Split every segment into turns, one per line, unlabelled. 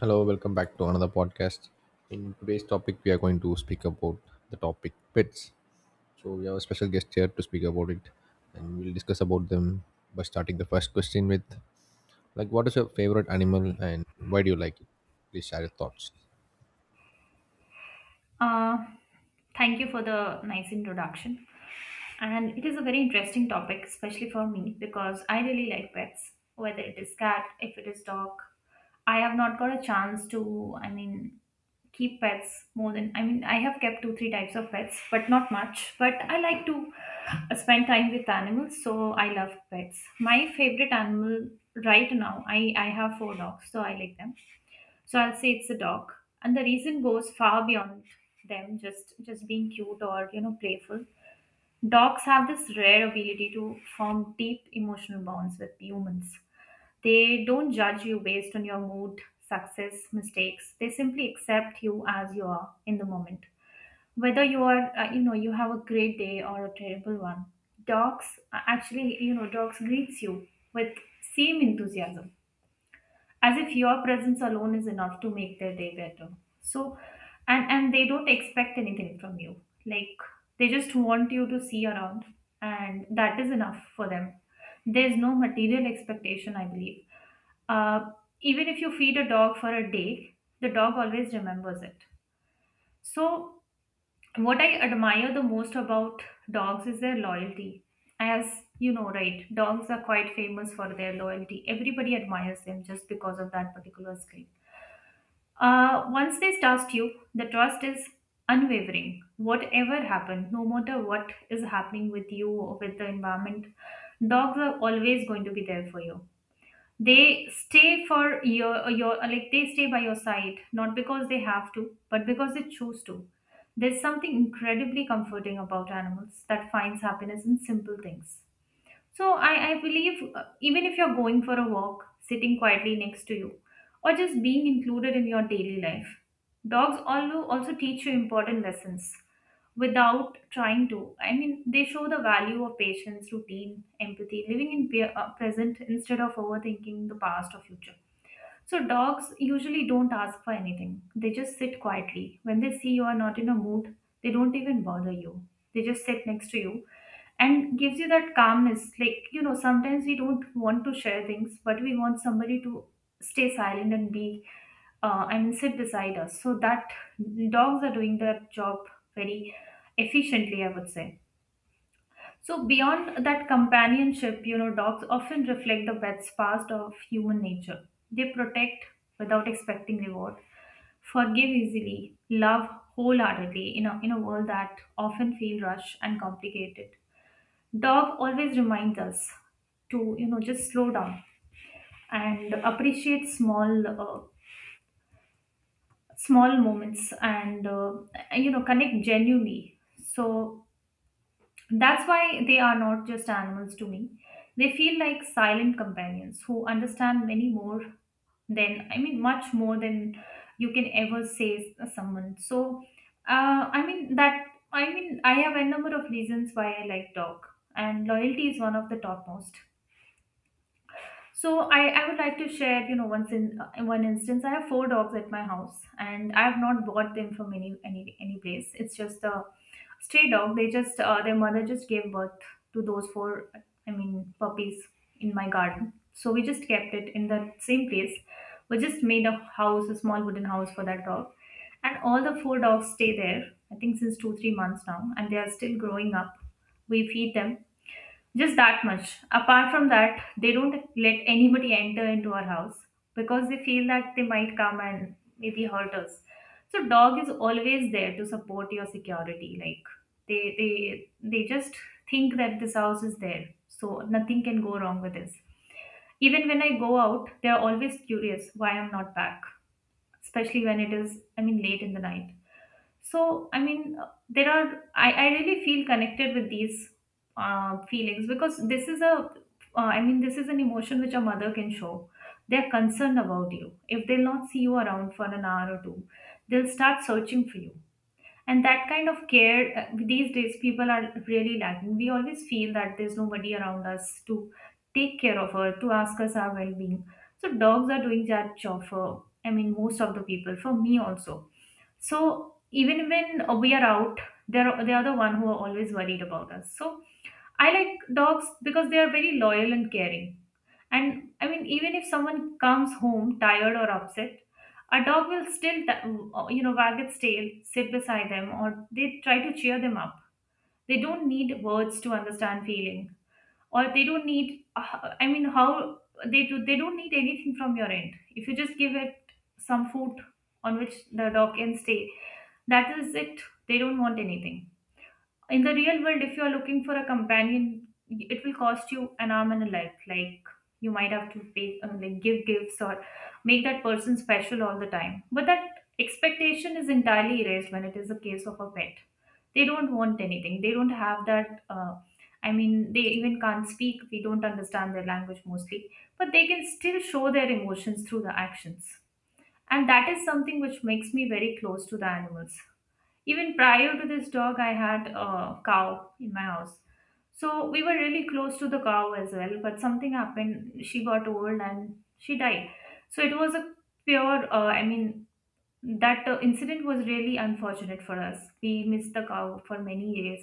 Hello, welcome back to another podcast. In today's topic, we are going to speak about the topic pets. So we have a special guest here to speak about it, and we'll discuss about them by starting the first question with, like, what is your favorite animal and why do you like it? Please share your thoughts.
Uh, Thank you for the nice introduction. And it is a very interesting topic, especially for me, because I really like pets, whether it is cat, if it is dog. I have not got a chance to, I mean, keep pets more than, I mean, I have kept two, three types of pets, but not much. But I like to spend time with animals, so I love pets. My favorite animal right now, I have four dogs, so I like them. So I'll say it's a dog. And the reason goes far beyond them just being cute or you know playful. Dogs have this rare ability to form deep emotional bonds with humans. They don't judge you based on your mood, success, mistakes. They simply accept you as you are in the moment. Whether you are you know you have a great day or a terrible one. Dogs actually you know dogs greets you with same enthusiasm as if your presence alone is enough to make their day better. So and they don't expect anything from you, like they just want you to see around, and that is enough for them. There's no material expectation, I believe. uh, Even if you feed a dog for a day, the dog always remembers it. So what I admire the most about dogs is their loyalty. As you know, right, dogs are quite famous for their loyalty. Everybody admires them just because of that particular skill. Once they trust you, the trust is unwavering. Whatever happens, no matter what is happening with you or with the environment, dogs are always going to be there for you. They stay for your like they stay by your side, not because they have to, but because they choose to. There's something incredibly comforting about animals that finds happiness in simple things. So I believe, even if you're going for a walk, sitting quietly next to you, or just being included in your daily life, dogs also teach you important lessons without trying to. I mean, they show the value of patience, routine, empathy, living in present instead of overthinking the past or future. So dogs usually don't ask for anything. They just sit quietly. When they see you are not in a mood, they don't even bother you. They just sit next to you and gives you that calmness. Like, you know, sometimes we don't want to share things, but we want somebody to stay silent and be I mean sit beside us. So that dogs are doing their job very efficiently, I would say. So, beyond that companionship, you know, dogs often reflect the best past of human nature. They protect without expecting reward, forgive easily, love wholeheartedly in a world that often feels rushed and complicated. Dog always reminds us to, you know, just slow down and appreciate small, small moments and, and, you know, connect genuinely. So, That's why they are not just animals to me. They feel like silent companions who understand many more than, I mean, much more than you can ever say someone. So, I mean, that, I mean, I have a number of reasons why I like dog, and loyalty is one of the topmost. So I would like to share, you know, once in one instance, I have four dogs at my house, and I have not bought them from any place. It's just a stray dog. They just their mother just gave birth to those four, I mean, puppies in my garden. So we just kept it in the same place. We just made a house, a small wooden house for that dog, and all the four dogs stay there. I think since 2-3 months now, and they are still growing up. We feed them just that much. Apart from that, they don't let anybody enter into our house because they feel that they might come and maybe hurt us. So dog is always there to support your security. Like they just think that this house is there, so nothing can go wrong with this. Even when I go out, they are always curious why I'm not back, especially when it is I mean late in the night. So, I mean, there are, I really feel connected with these feelings because this is a, I mean, this is an emotion which a mother can show. They're concerned about you. If they'll not see you around for an hour or two, they'll start searching for you. And that kind of care, these days, people are really lacking. We always feel that there's nobody around us to take care of her, to ask us our well being. So, dogs are doing that job for, I mean, most of the people, for me also. So even when we are out, they are the one who are always worried about us. So I like dogs because they are very loyal and caring. And I mean, even if someone comes home tired or upset, a dog will still you know wag its tail, sit beside them, or they try to cheer them up. They don't need words to understand feeling, or they don't need I mean how they do, they don't need anything from your end if you just give it some food on which the dog can stay. That is it. They don't want anything. In the real world, if you're looking for a companion, it will cost you an arm and a leg. Like, you might have to pay, like give gifts or make that person special all the time, but that expectation is entirely erased when it is a case of a pet. They don't want anything. They don't have that, I mean, they even can't speak. We don't understand their language mostly, but they can still show their emotions through the actions, and that is something which makes me very close to the animals. Even prior to this dog, I had a cow in my house. So we were really close to the cow as well, but something happened. She got old and she died. So it was a pure, I mean, that incident was really unfortunate for us. We missed the cow for many years.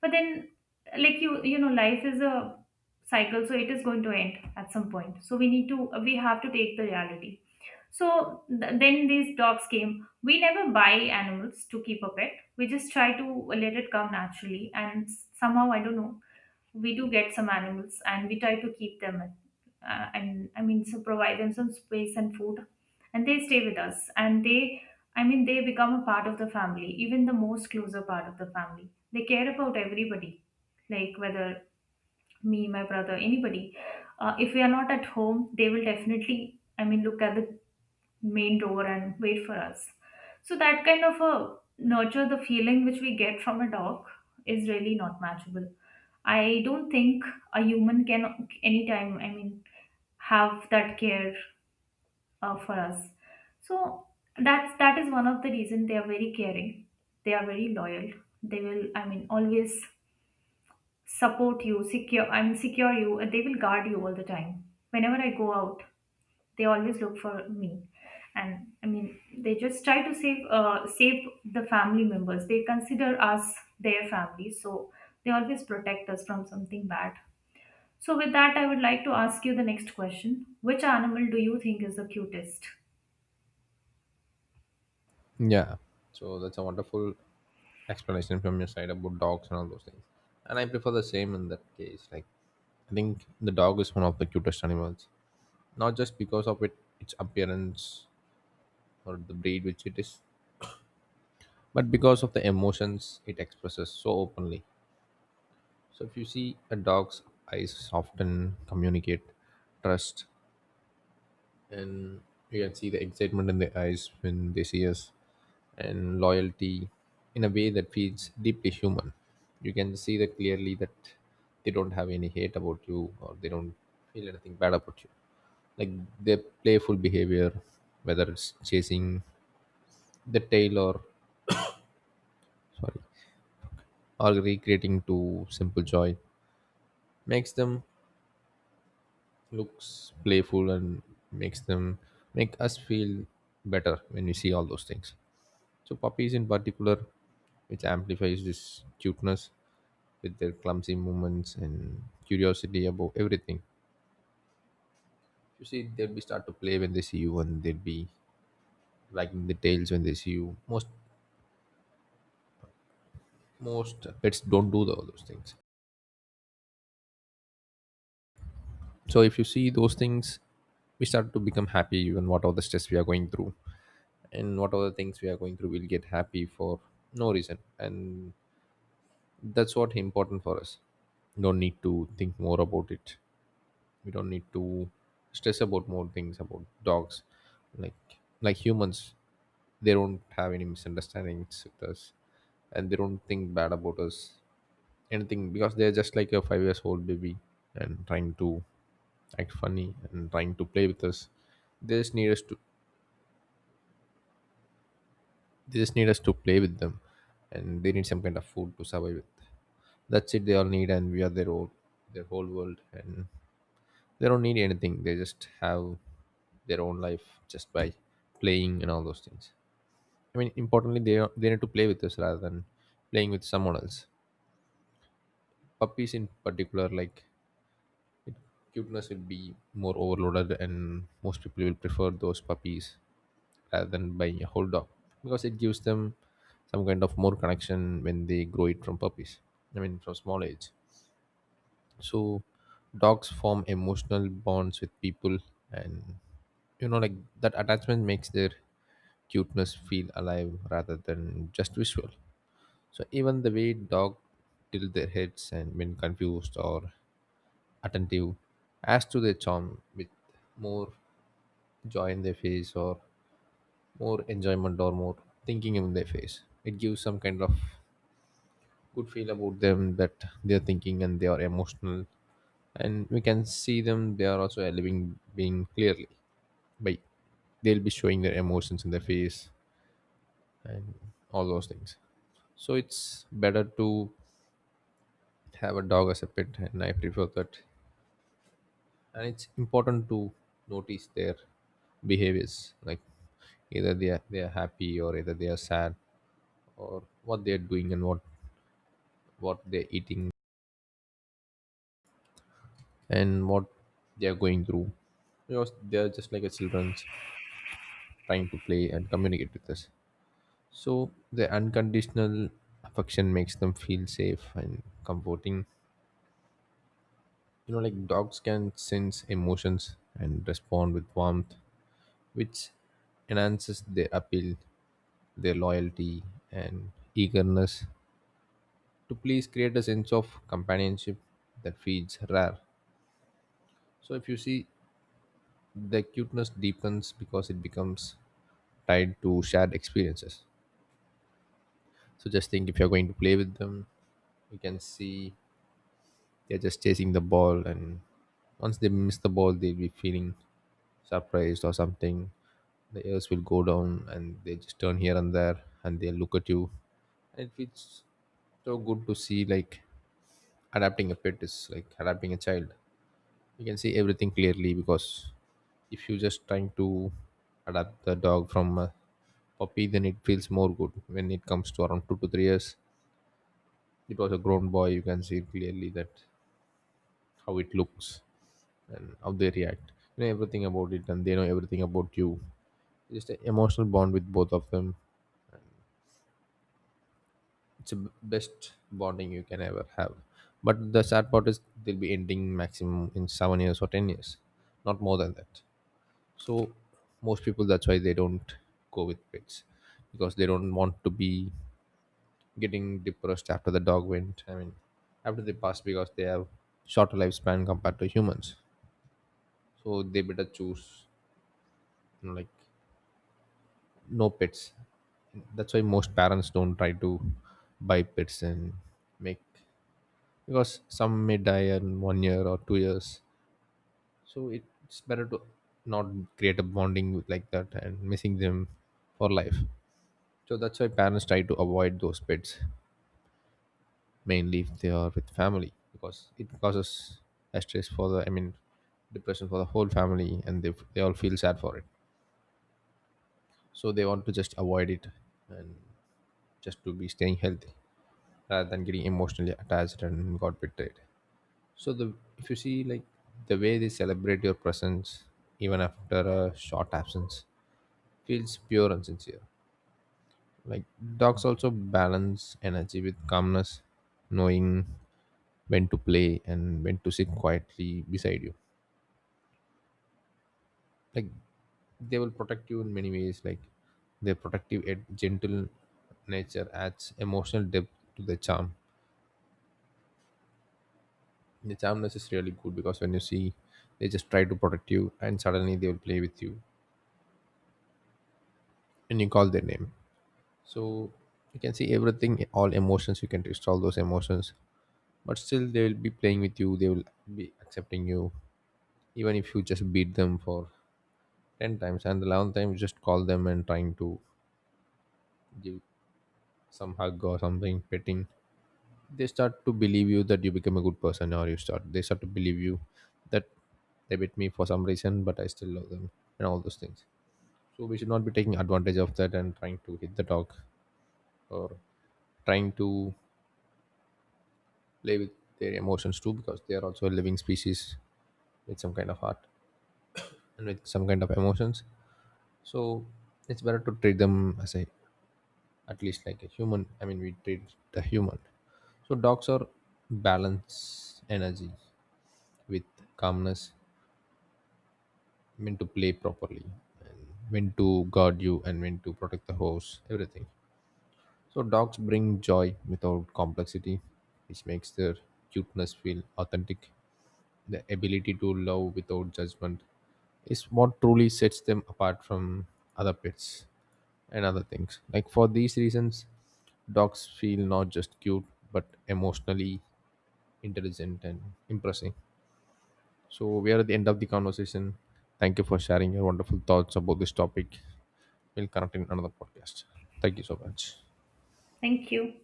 But then, like you know, life is a cycle, so it is going to end at some point. So we need to, we have to take the reality. So then these dogs came. We never buy animals to keep a pet. We just try to let it come naturally. And somehow, I don't know, we do get some animals and we try to keep them. And I mean, so provide them some space and food. And they stay with us. And they, I mean, they become a part of the family, even the most closer part of the family. They care about everybody, like whether me, my brother, anybody. If we are not at home, they will definitely I mean, look at the main door and wait for us. So that kind of a nurture the feeling which we get from a dog is really not matchable. I don't think a human can anytime, I mean, have that care for us. So that is one of the reason they are very caring. They are very loyal. They will, I mean, always support you, secure, I mean, secure you, and they will guard you all the time. Whenever I go out, they always look for me, and I mean they just try to save save the family members. They consider us their family, so they always protect us from something bad. So with that, I would like to ask you the next question: which animal do you think is the cutest?
Yeah. So that's a wonderful explanation from your side about dogs and all those things. And I prefer the same in that case. Like, I think the dog is one of the cutest animals, not just because of its appearance or the breed which it is, but because of the emotions it expresses so openly. So if you see, a dog's eyes often communicate trust, and you can see the excitement in their eyes when they see us, and loyalty in a way that feels deeply human. You can see that clearly, that they don't have any hate about you, or they don't feel anything bad about you. Like, their playful behavior, whether it's chasing the tail sorry, or recreating to simple joy, makes them looks playful and makes them make us feel better when we see all those things. So puppies in particular, which amplifies this cuteness with their clumsy movements and curiosity about everything. You see, they'll be start to play when they see you, and they'll be wagging the tails when they see you. Most pets don't do all those things. So if you see those things, we start to become happy even whatever the stress we are going through, and whatever things we are going through, we'll get happy for no reason. And that's what important for us. We don't need to think more about it. We don't need to stress about more things about dogs, like humans. They don't have any misunderstandings with us, and they don't think bad about us anything, because they're just like a 5 years old baby and trying to act funny and trying to play with us. they just need us to they just need us to play with them, and they need some kind of food to survive with. That's it, they all need. And we are their whole world, and they don't need anything. They just have their own life just by playing and all those things. I mean, importantly, they need to play with us rather than playing with someone else. Puppies in particular, like, cuteness will be more overloaded, and most people will prefer those puppies rather than buying a whole dog, because it gives them some kind of more connection when they grow it from puppies, I mean, from small age. So dogs form emotional bonds with people, and, you know, like, that attachment makes their cuteness feel alive rather than just visual. So even the way dog tilt their heads and when confused or attentive adds to their charm, with more joy in their face, or more enjoyment, or more thinking in their face. It gives some kind of good feel about them, that they are thinking and they are emotional, and we can see them. They are also a living being clearly, by they'll be showing their emotions in their face and all those things. So it's better to have a dog as a pet, and I prefer that. And it's important to notice their behaviors, like, either they are happy or either they are sad, or what they are doing, and what they're eating, and what they're going through, because they're just like a children's trying to play and communicate with us. So the unconditional affection makes them feel safe and comforting. You know, like, dogs can sense emotions and respond with warmth, which enhances their appeal. Their loyalty and eagerness to please create a sense of companionship that feels rare. So if you see, the cuteness deepens because it becomes tied to shared experiences. So just think, if you're going to play with them, you can see they're just chasing the ball, and once they miss the ball, they'll be feeling surprised or something. The ears will go down, and they just turn here and there, and they look at you. And it feels so good to see, like, adapting a pet is like adapting a child. You can see everything clearly, because if you just trying to adapt the dog from a puppy, then it feels more good when it comes to around 2 to 3 years. It was a grown boy. You can see clearly that how it looks and how they react. You know everything about it, and they know everything about you. Just an emotional bond with both of them. It's the best bonding you can ever have. But the sad part is they'll be ending maximum in 7 years or 10 years, not more than that. So most people, that's why they don't go with pets, because they don't want to be getting depressed after the dog went, I mean, after they pass, because they have shorter lifespan compared to humans. So they better choose, you know, like, no pets. That's why most parents don't try to buy pets and make, because some may die in 1 year or 2 years. So it's better to not create a bonding with like that and missing them for life. So that's why parents try to avoid those pets, mainly if they are with family, because it causes a stress for the, I mean, depression for the whole family, and they all feel sad for it. So they want to just avoid it and just to be staying healthy rather than getting emotionally attached and got betrayed. So the, if you see, like, the way they celebrate your presence even after a short absence feels pure and sincere. Like, dogs also balance energy with calmness, knowing when to play and when to sit quietly beside you. Like, they will protect you in many ways. Like, their protective and gentle nature adds emotional depth to the charm. The charmness is really good, because when you see, they just try to protect you and suddenly they will play with you, and you call their name. So you can see everything, all emotions. You can test all those emotions, but still they will be playing with you. They will be accepting you. Even if you just beat them for 10 times and the 11th time you just call them and trying to give some hug or something, petting, they start to believe you, that you become a good person. Or you start, they start to believe you that they bit me for some reason, but I still love them, and all those things. So we should not be taking advantage of that and trying to hit the dog, or trying to play with their emotions too, because they are also a living species with some kind of heart and with some kind of emotions. So it's better to treat them as a, at least like a human, I mean, we treat the human. So dogs are balance energy with calmness, when to play properly, and when to guard you, and when to protect the host, everything. So dogs bring joy without complexity, which makes their cuteness feel authentic. The ability to love without judgment is what truly sets them apart from other pets and other things. Like, for these reasons, dogs feel not just cute but emotionally intelligent and impressive. So we are at the end of the conversation. Thank you for sharing your wonderful thoughts about this topic. We'll connect in another podcast. Thank you so much.
Thank you.